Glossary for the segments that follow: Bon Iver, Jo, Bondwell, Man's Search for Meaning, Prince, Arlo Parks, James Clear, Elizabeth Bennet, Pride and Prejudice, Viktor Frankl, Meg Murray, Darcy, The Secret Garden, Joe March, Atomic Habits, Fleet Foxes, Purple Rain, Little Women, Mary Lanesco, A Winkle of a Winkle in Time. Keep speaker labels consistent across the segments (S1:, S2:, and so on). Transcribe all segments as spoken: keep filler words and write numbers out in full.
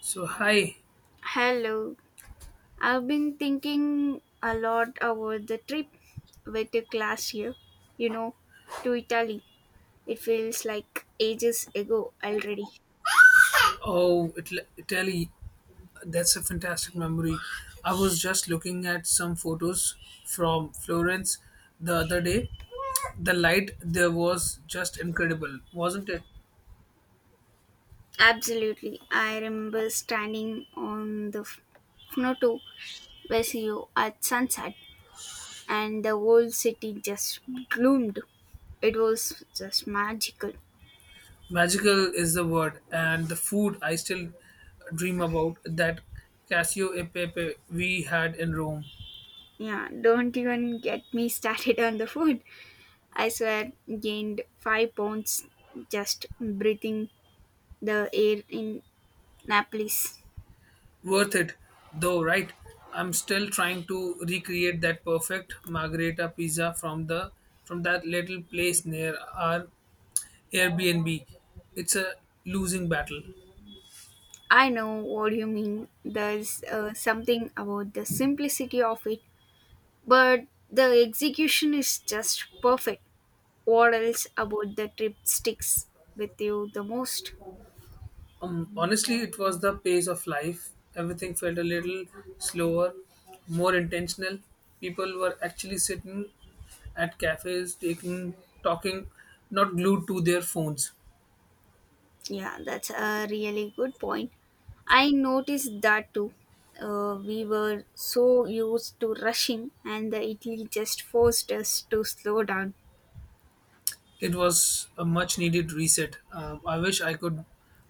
S1: So hi,
S2: Hello. I've been thinking a lot about the trip with the class here, you know, to Italy. It feels like ages ago already.
S1: oh Italy, Italy, that's a fantastic memory. I was just looking at some photos from Florence the other day. The light there was just incredible, wasn't it?
S2: Absolutely. I remember standing on the F- Fnoto Vesio at sunset and the whole city just gloomed. It was just magical.
S1: Magical is the word, and the food I still dream about that Casio e Pepe we had in Rome.
S2: Yeah, don't even get me started on the food. I swear, gained five pounds just breathing the air in Naples.
S1: Worth it, though, right? I'm still trying to recreate that perfect margherita pizza from the from that little place near our Airbnb. It's a losing battle.
S2: I know what you mean. There's uh, something about the simplicity of it, but the execution is just perfect. What else about the trip sticks with you the most?
S1: Um, honestly, it was the pace of life. Everything felt a little slower, more intentional. People were actually sitting at cafes, taking, talking, not glued to their phones.
S2: Yeah, that's a really good point. I noticed that too. Uh, we were so used to rushing, and the Italy just forced us to slow down.
S1: It was a much needed reset. Um, I wish I could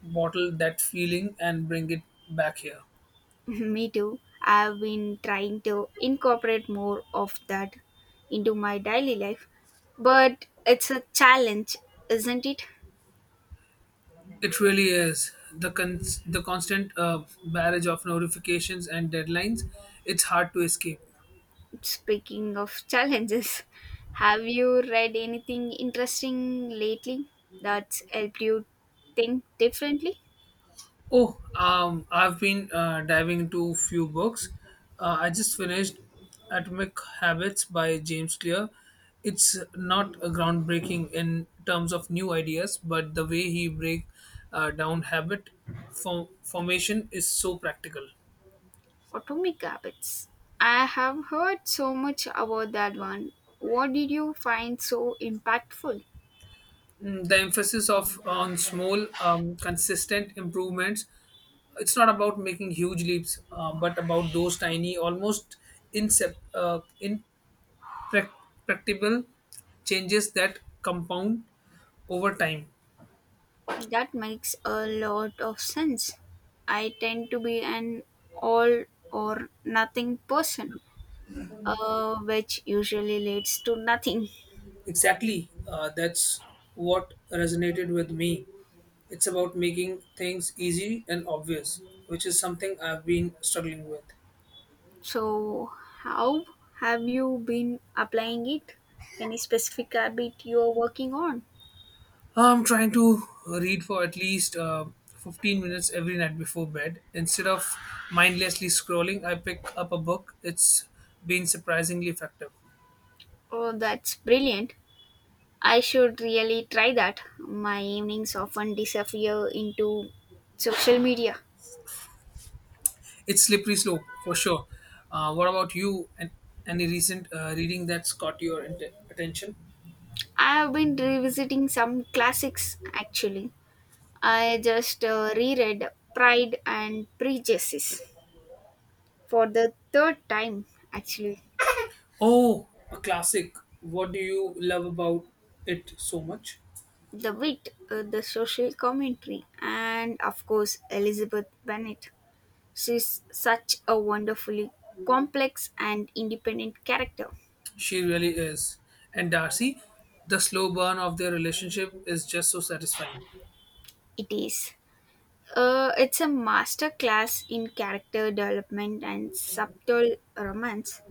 S1: bottle that feeling and bring it back here.
S2: Me too. I've been trying to incorporate more of that into my daily life, but it's a challenge, isn't it?
S1: It really is. The, con- the constant uh, barrage of notifications and deadlines, it's hard to escape.
S2: Speaking of challenges, have you read anything interesting lately that's helped you think differently?
S1: Oh, um, I've been uh, diving into a few books. Uh, I just finished Atomic Habits by James Clear. It's not a groundbreaking in terms of new ideas, but the way he break uh, down habit form- formation is so practical.
S2: Atomic Habits. I have heard so much about that one. What did you find so impactful?
S1: Mm, the emphasis of on small, um, consistent improvements. It's not about making huge leaps, uh, but about those tiny, almost incep- uh, prac- practical changes that compound over time.
S2: That makes a lot of sense. I tend to be an all or nothing person, uh, which usually leads to nothing.
S1: Exactly. Uh, that's what resonated with me. It's about making things easy and obvious, which is something I've been struggling with.
S2: So, how have you been applying it? Any specific habit you are working on?
S1: I'm trying to read for at least uh, fifteen minutes every night before bed. Instead of mindlessly scrolling, I pick up a book. It's been surprisingly effective.
S2: Oh, that's brilliant. I should really try that. My evenings often disappear into social media.
S1: It's slippery slope for sure. Uh, what about you? And any recent uh, reading that's caught your int- attention?
S2: I have been revisiting some classics actually. I just uh, reread Pride and Prejudice for the third time, actually.
S1: Oh, a classic. What do you love about it so much?
S2: The wit, uh, the social commentary, and of course, Elizabeth Bennet. She's such a wonderfully complex and independent character.
S1: She really is. And Darcy, the slow burn of their relationship is just so satisfying.
S2: It is. Uh, it's a master class in character development and subtle romance.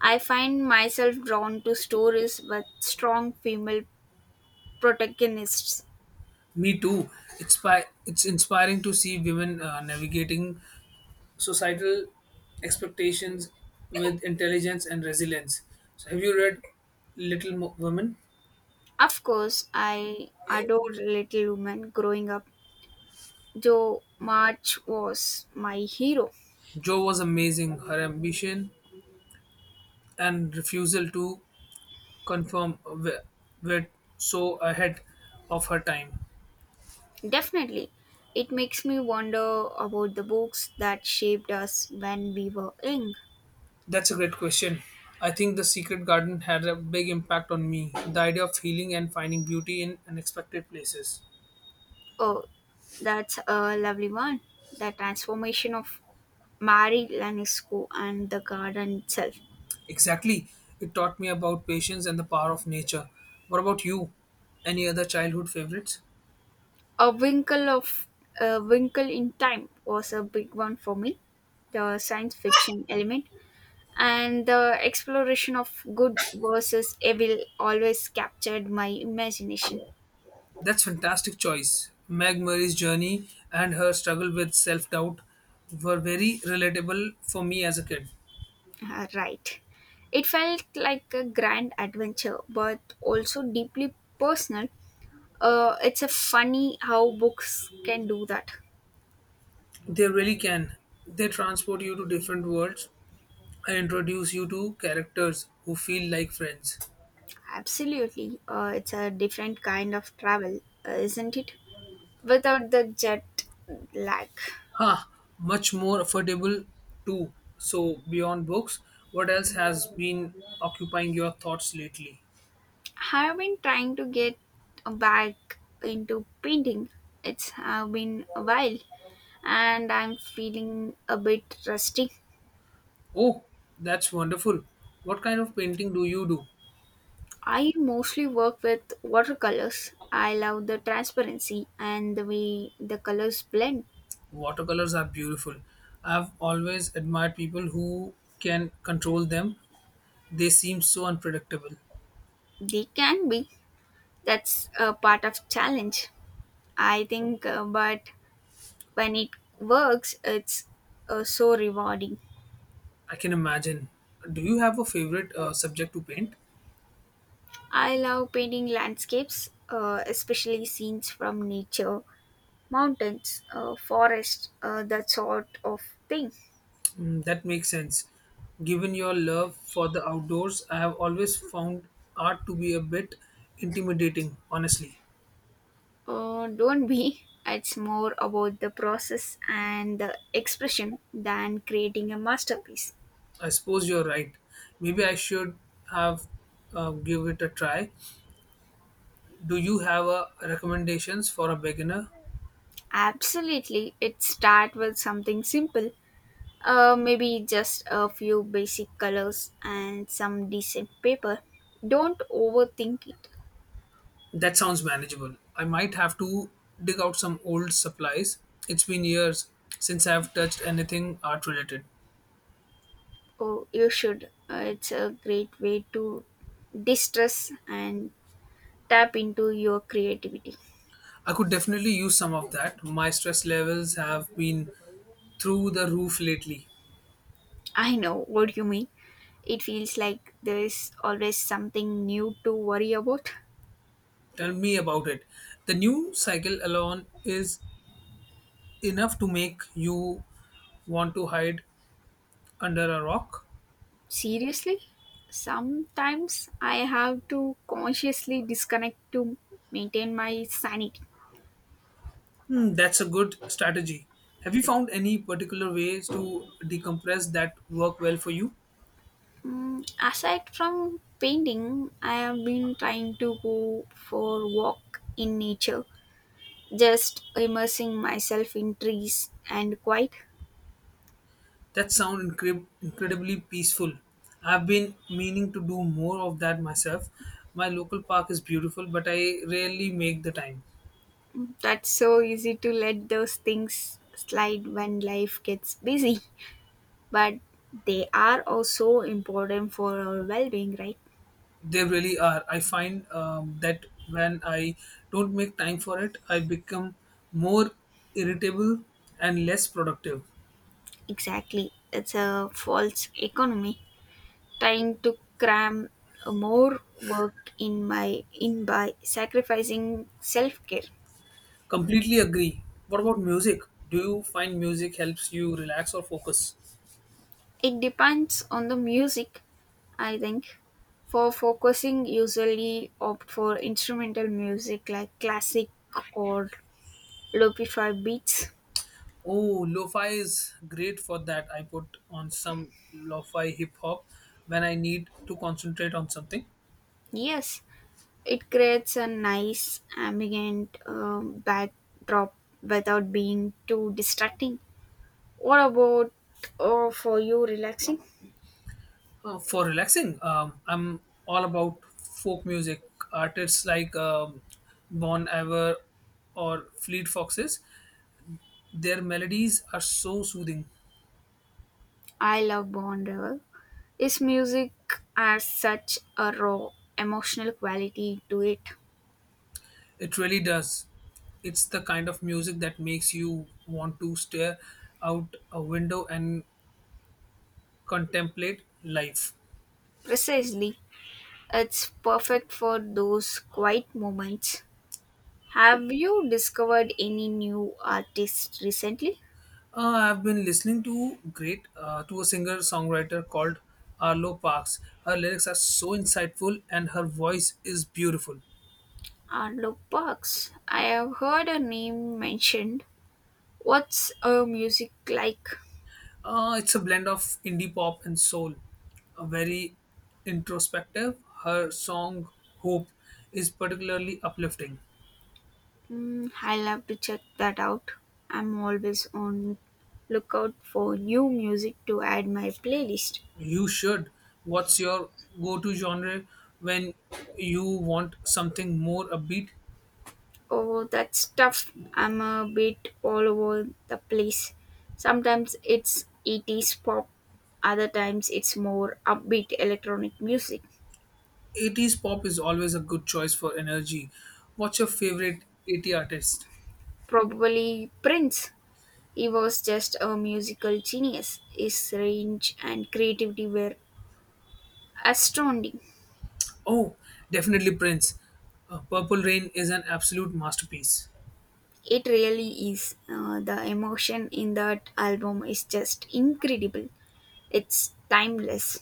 S2: I find myself drawn to stories with strong female protagonists.
S1: Me too. It's by, it's inspiring to see women uh, navigating societal expectations with intelligence and resilience. So, have you read Little Mo- Women?
S2: Of course, I adored Little Women growing up. Joe March was my hero.
S1: Jo was amazing. Her ambition and refusal to conform were, were so ahead of her time.
S2: Definitely. It makes me wonder about the books that shaped us when we were young.
S1: That's a great question. I think The Secret Garden had a big impact on me. The idea of healing and finding beauty in unexpected places.
S2: Oh, that's a lovely one. The transformation of Mary Lanesco and the garden itself.
S1: Exactly. It taught me about patience and the power of nature. What about you? Any other childhood favorites?
S2: A Winkle of a Winkle in Time was a big one for me. The science fiction element and the exploration of good versus evil always captured my imagination.
S1: That's fantastic choice. Meg Murray's journey and her struggle with self-doubt were very relatable for me as a kid.
S2: Ah, right. It felt like a grand adventure, but also deeply personal. Uh, it's a funny how books can do that.
S1: They really can. They transport you to different worlds and introduce you to characters who feel like friends.
S2: Absolutely. Uh, it's a different kind of travel, uh, isn't it? Without the jet lag.
S1: Ha! Much more affordable too. So beyond books, what else has been occupying your thoughts lately?
S2: I've been trying to get back into painting. It's have been a while, and I'm feeling a bit rusty.
S1: Oh, that's wonderful. What kind of painting do you do?
S2: I mostly work with watercolors. I love the transparency and the way the colors blend.
S1: Watercolors are beautiful. I've always admired people who can control them. They seem so unpredictable.
S2: They can be. That's a part of challenge, I think. Uh, but when it works, it's uh, so rewarding.
S1: I can imagine. Do you have a favorite uh, subject to paint?
S2: I love painting landscapes, uh, especially scenes from nature, mountains, uh, forest, uh, that sort of thing.
S1: Mm, that makes sense. Given your love for the outdoors, I have always found art to be a bit intimidating, honestly.
S2: Uh, don't be. It's more about the process and the expression than creating a masterpiece.
S1: I suppose you're right. Maybe I should have uh, give it a try. Do you have a recommendations for a beginner?
S2: Absolutely, it start with something simple. Uh, maybe just a few basic colors and some decent paper. Don't overthink it.
S1: That sounds manageable. I might have to dig out some old supplies. It's been years since I've touched anything art related.
S2: Oh, you should. Uh, it's a great way to distress and tap into your creativity.
S1: I could definitely use some of that. My stress levels have been through the roof lately.
S2: I know what you mean. It feels like there is always something new to worry about.
S1: Tell me about it. The new cycle alone is enough to make you want to hide under a rock.
S2: Seriously, sometimes I have to consciously disconnect to maintain my sanity.
S1: Hmm, that's a good strategy. Have you found any particular ways to decompress that work well for you?
S2: Mm, aside from painting, I have been trying to go for walk in nature, just immersing myself in trees and quiet.
S1: That sounds incre- incredibly peaceful. I've been meaning to do more of that myself. My local park is beautiful, but I rarely make the time.
S2: Mm, that's so easy to let those things slide when life gets busy, but they are also important for our well-being, right?
S1: They really are. I find um, that when I don't make time for it, I become more irritable and less productive.
S2: Exactly. It's a false economy trying to cram more work in my in by sacrificing self-care.
S1: Completely agree. What about music? Do you find music helps you relax or focus?
S2: It depends on the music, I think. For focusing, usually opt for instrumental music like classic or lo-fi beats.
S1: Oh, lo-fi is great for that. I put on some lo-fi hip hop when I need to concentrate on something.
S2: Yes, it creates a nice ambient um, backdrop without being too distracting. What about uh, for you relaxing?
S1: Uh, for relaxing, um, I'm all about folk music artists like um, Bon Iver or Fleet Foxes. Their melodies are so soothing.
S2: I love Bondwell. His music has such a raw emotional quality to it.
S1: It really does. It's the kind of music that makes you want to stare out a window and contemplate life.
S2: Precisely, it's perfect for those quiet moments. Have you discovered any new artists recently?
S1: Uh, I've been listening to great uh, to a singer songwriter called Arlo Parks. Her lyrics are so insightful and her voice is beautiful.
S2: Arlo Parks. I have heard her name mentioned. What's her music like?
S1: Uh, it's a blend of indie pop and soul. A very introspective. Her song Hope is particularly uplifting.
S2: Mm, I'll have to check that out. I'm always on lookout for new music to add my playlist.
S1: You should. What's your go to genre when you want something more upbeat?
S2: Oh, that's tough. I'm a bit all over the place. Sometimes it's eighties pop, other times it's more upbeat electronic music.
S1: eighties pop is always a good choice for energy. What's your favorite eighties artist?
S2: Probably Prince. He was just a musical genius. His range and creativity were astounding.
S1: Oh, definitely Prince. Uh, Purple Rain is an absolute masterpiece.
S2: It really is. Uh, the emotion in that album is just incredible. It's timeless.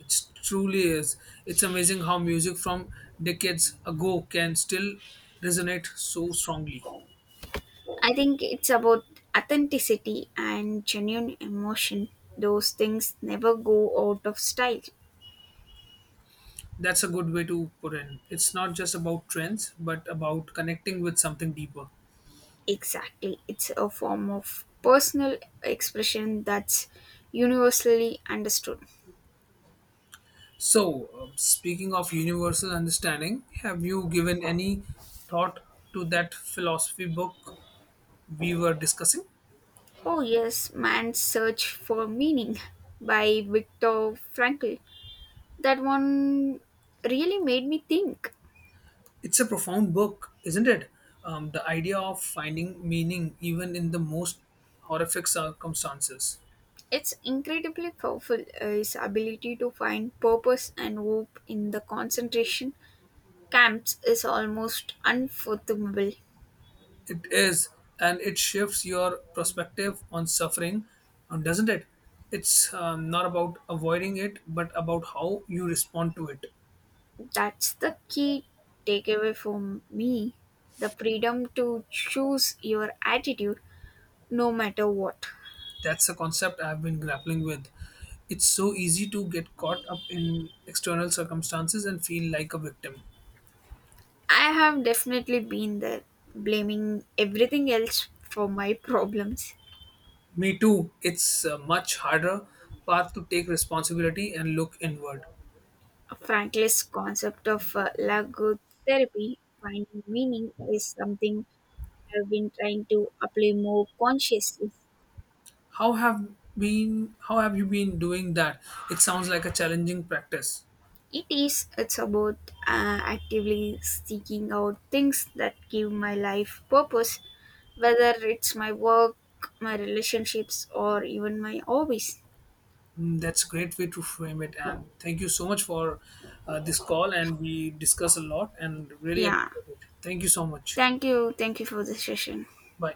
S1: It truly is. It's amazing how music from decades ago can still resonate so strongly.
S2: I think it's about authenticity and genuine emotion. Those things never go out of style.
S1: That's a good way to put in. It's not just about trends, but about connecting with something deeper.
S2: Exactly. It's a form of personal expression that's universally understood.
S1: So, uh, speaking of universal understanding, have you given any thought to that philosophy book we were discussing?
S2: Oh, yes, Man's Search for Meaning by Viktor Frankl. That one really made me think.
S1: It's a profound book, isn't it? Um, the idea of finding meaning even in the most horrific circumstances.
S2: It's incredibly powerful, uh, his ability to find purpose and hope in the concentration Camps is almost unfathomable.
S1: It is, and it shifts your perspective on suffering, uh, doesn't it? It's um, not about avoiding it, but about how you respond to it.
S2: That's the key takeaway for me, the freedom to choose your attitude no matter what.
S1: That's a concept I've been grappling with. It's so easy to get caught up in external circumstances and feel like a victim.
S2: I have definitely been there, blaming everything else for my problems.
S1: Me too. It's a much harder path to take responsibility and look inward.
S2: Franklin's concept of uh, logotherapy, finding meaning, is something I've been trying to apply more consciously.
S1: How have been how have you been doing that? It sounds like a challenging practice.
S2: It is. It's about uh, actively seeking out things that give my life purpose, whether it's my work, my relationships, or even my hobbies.
S1: Mm, that's a great way to frame it. And thank you so much for uh, this call. And we discuss a lot and really
S2: Yeah.
S1: appreciate it. Thank you so much.
S2: Thank you. Thank you for the session.
S1: Bye.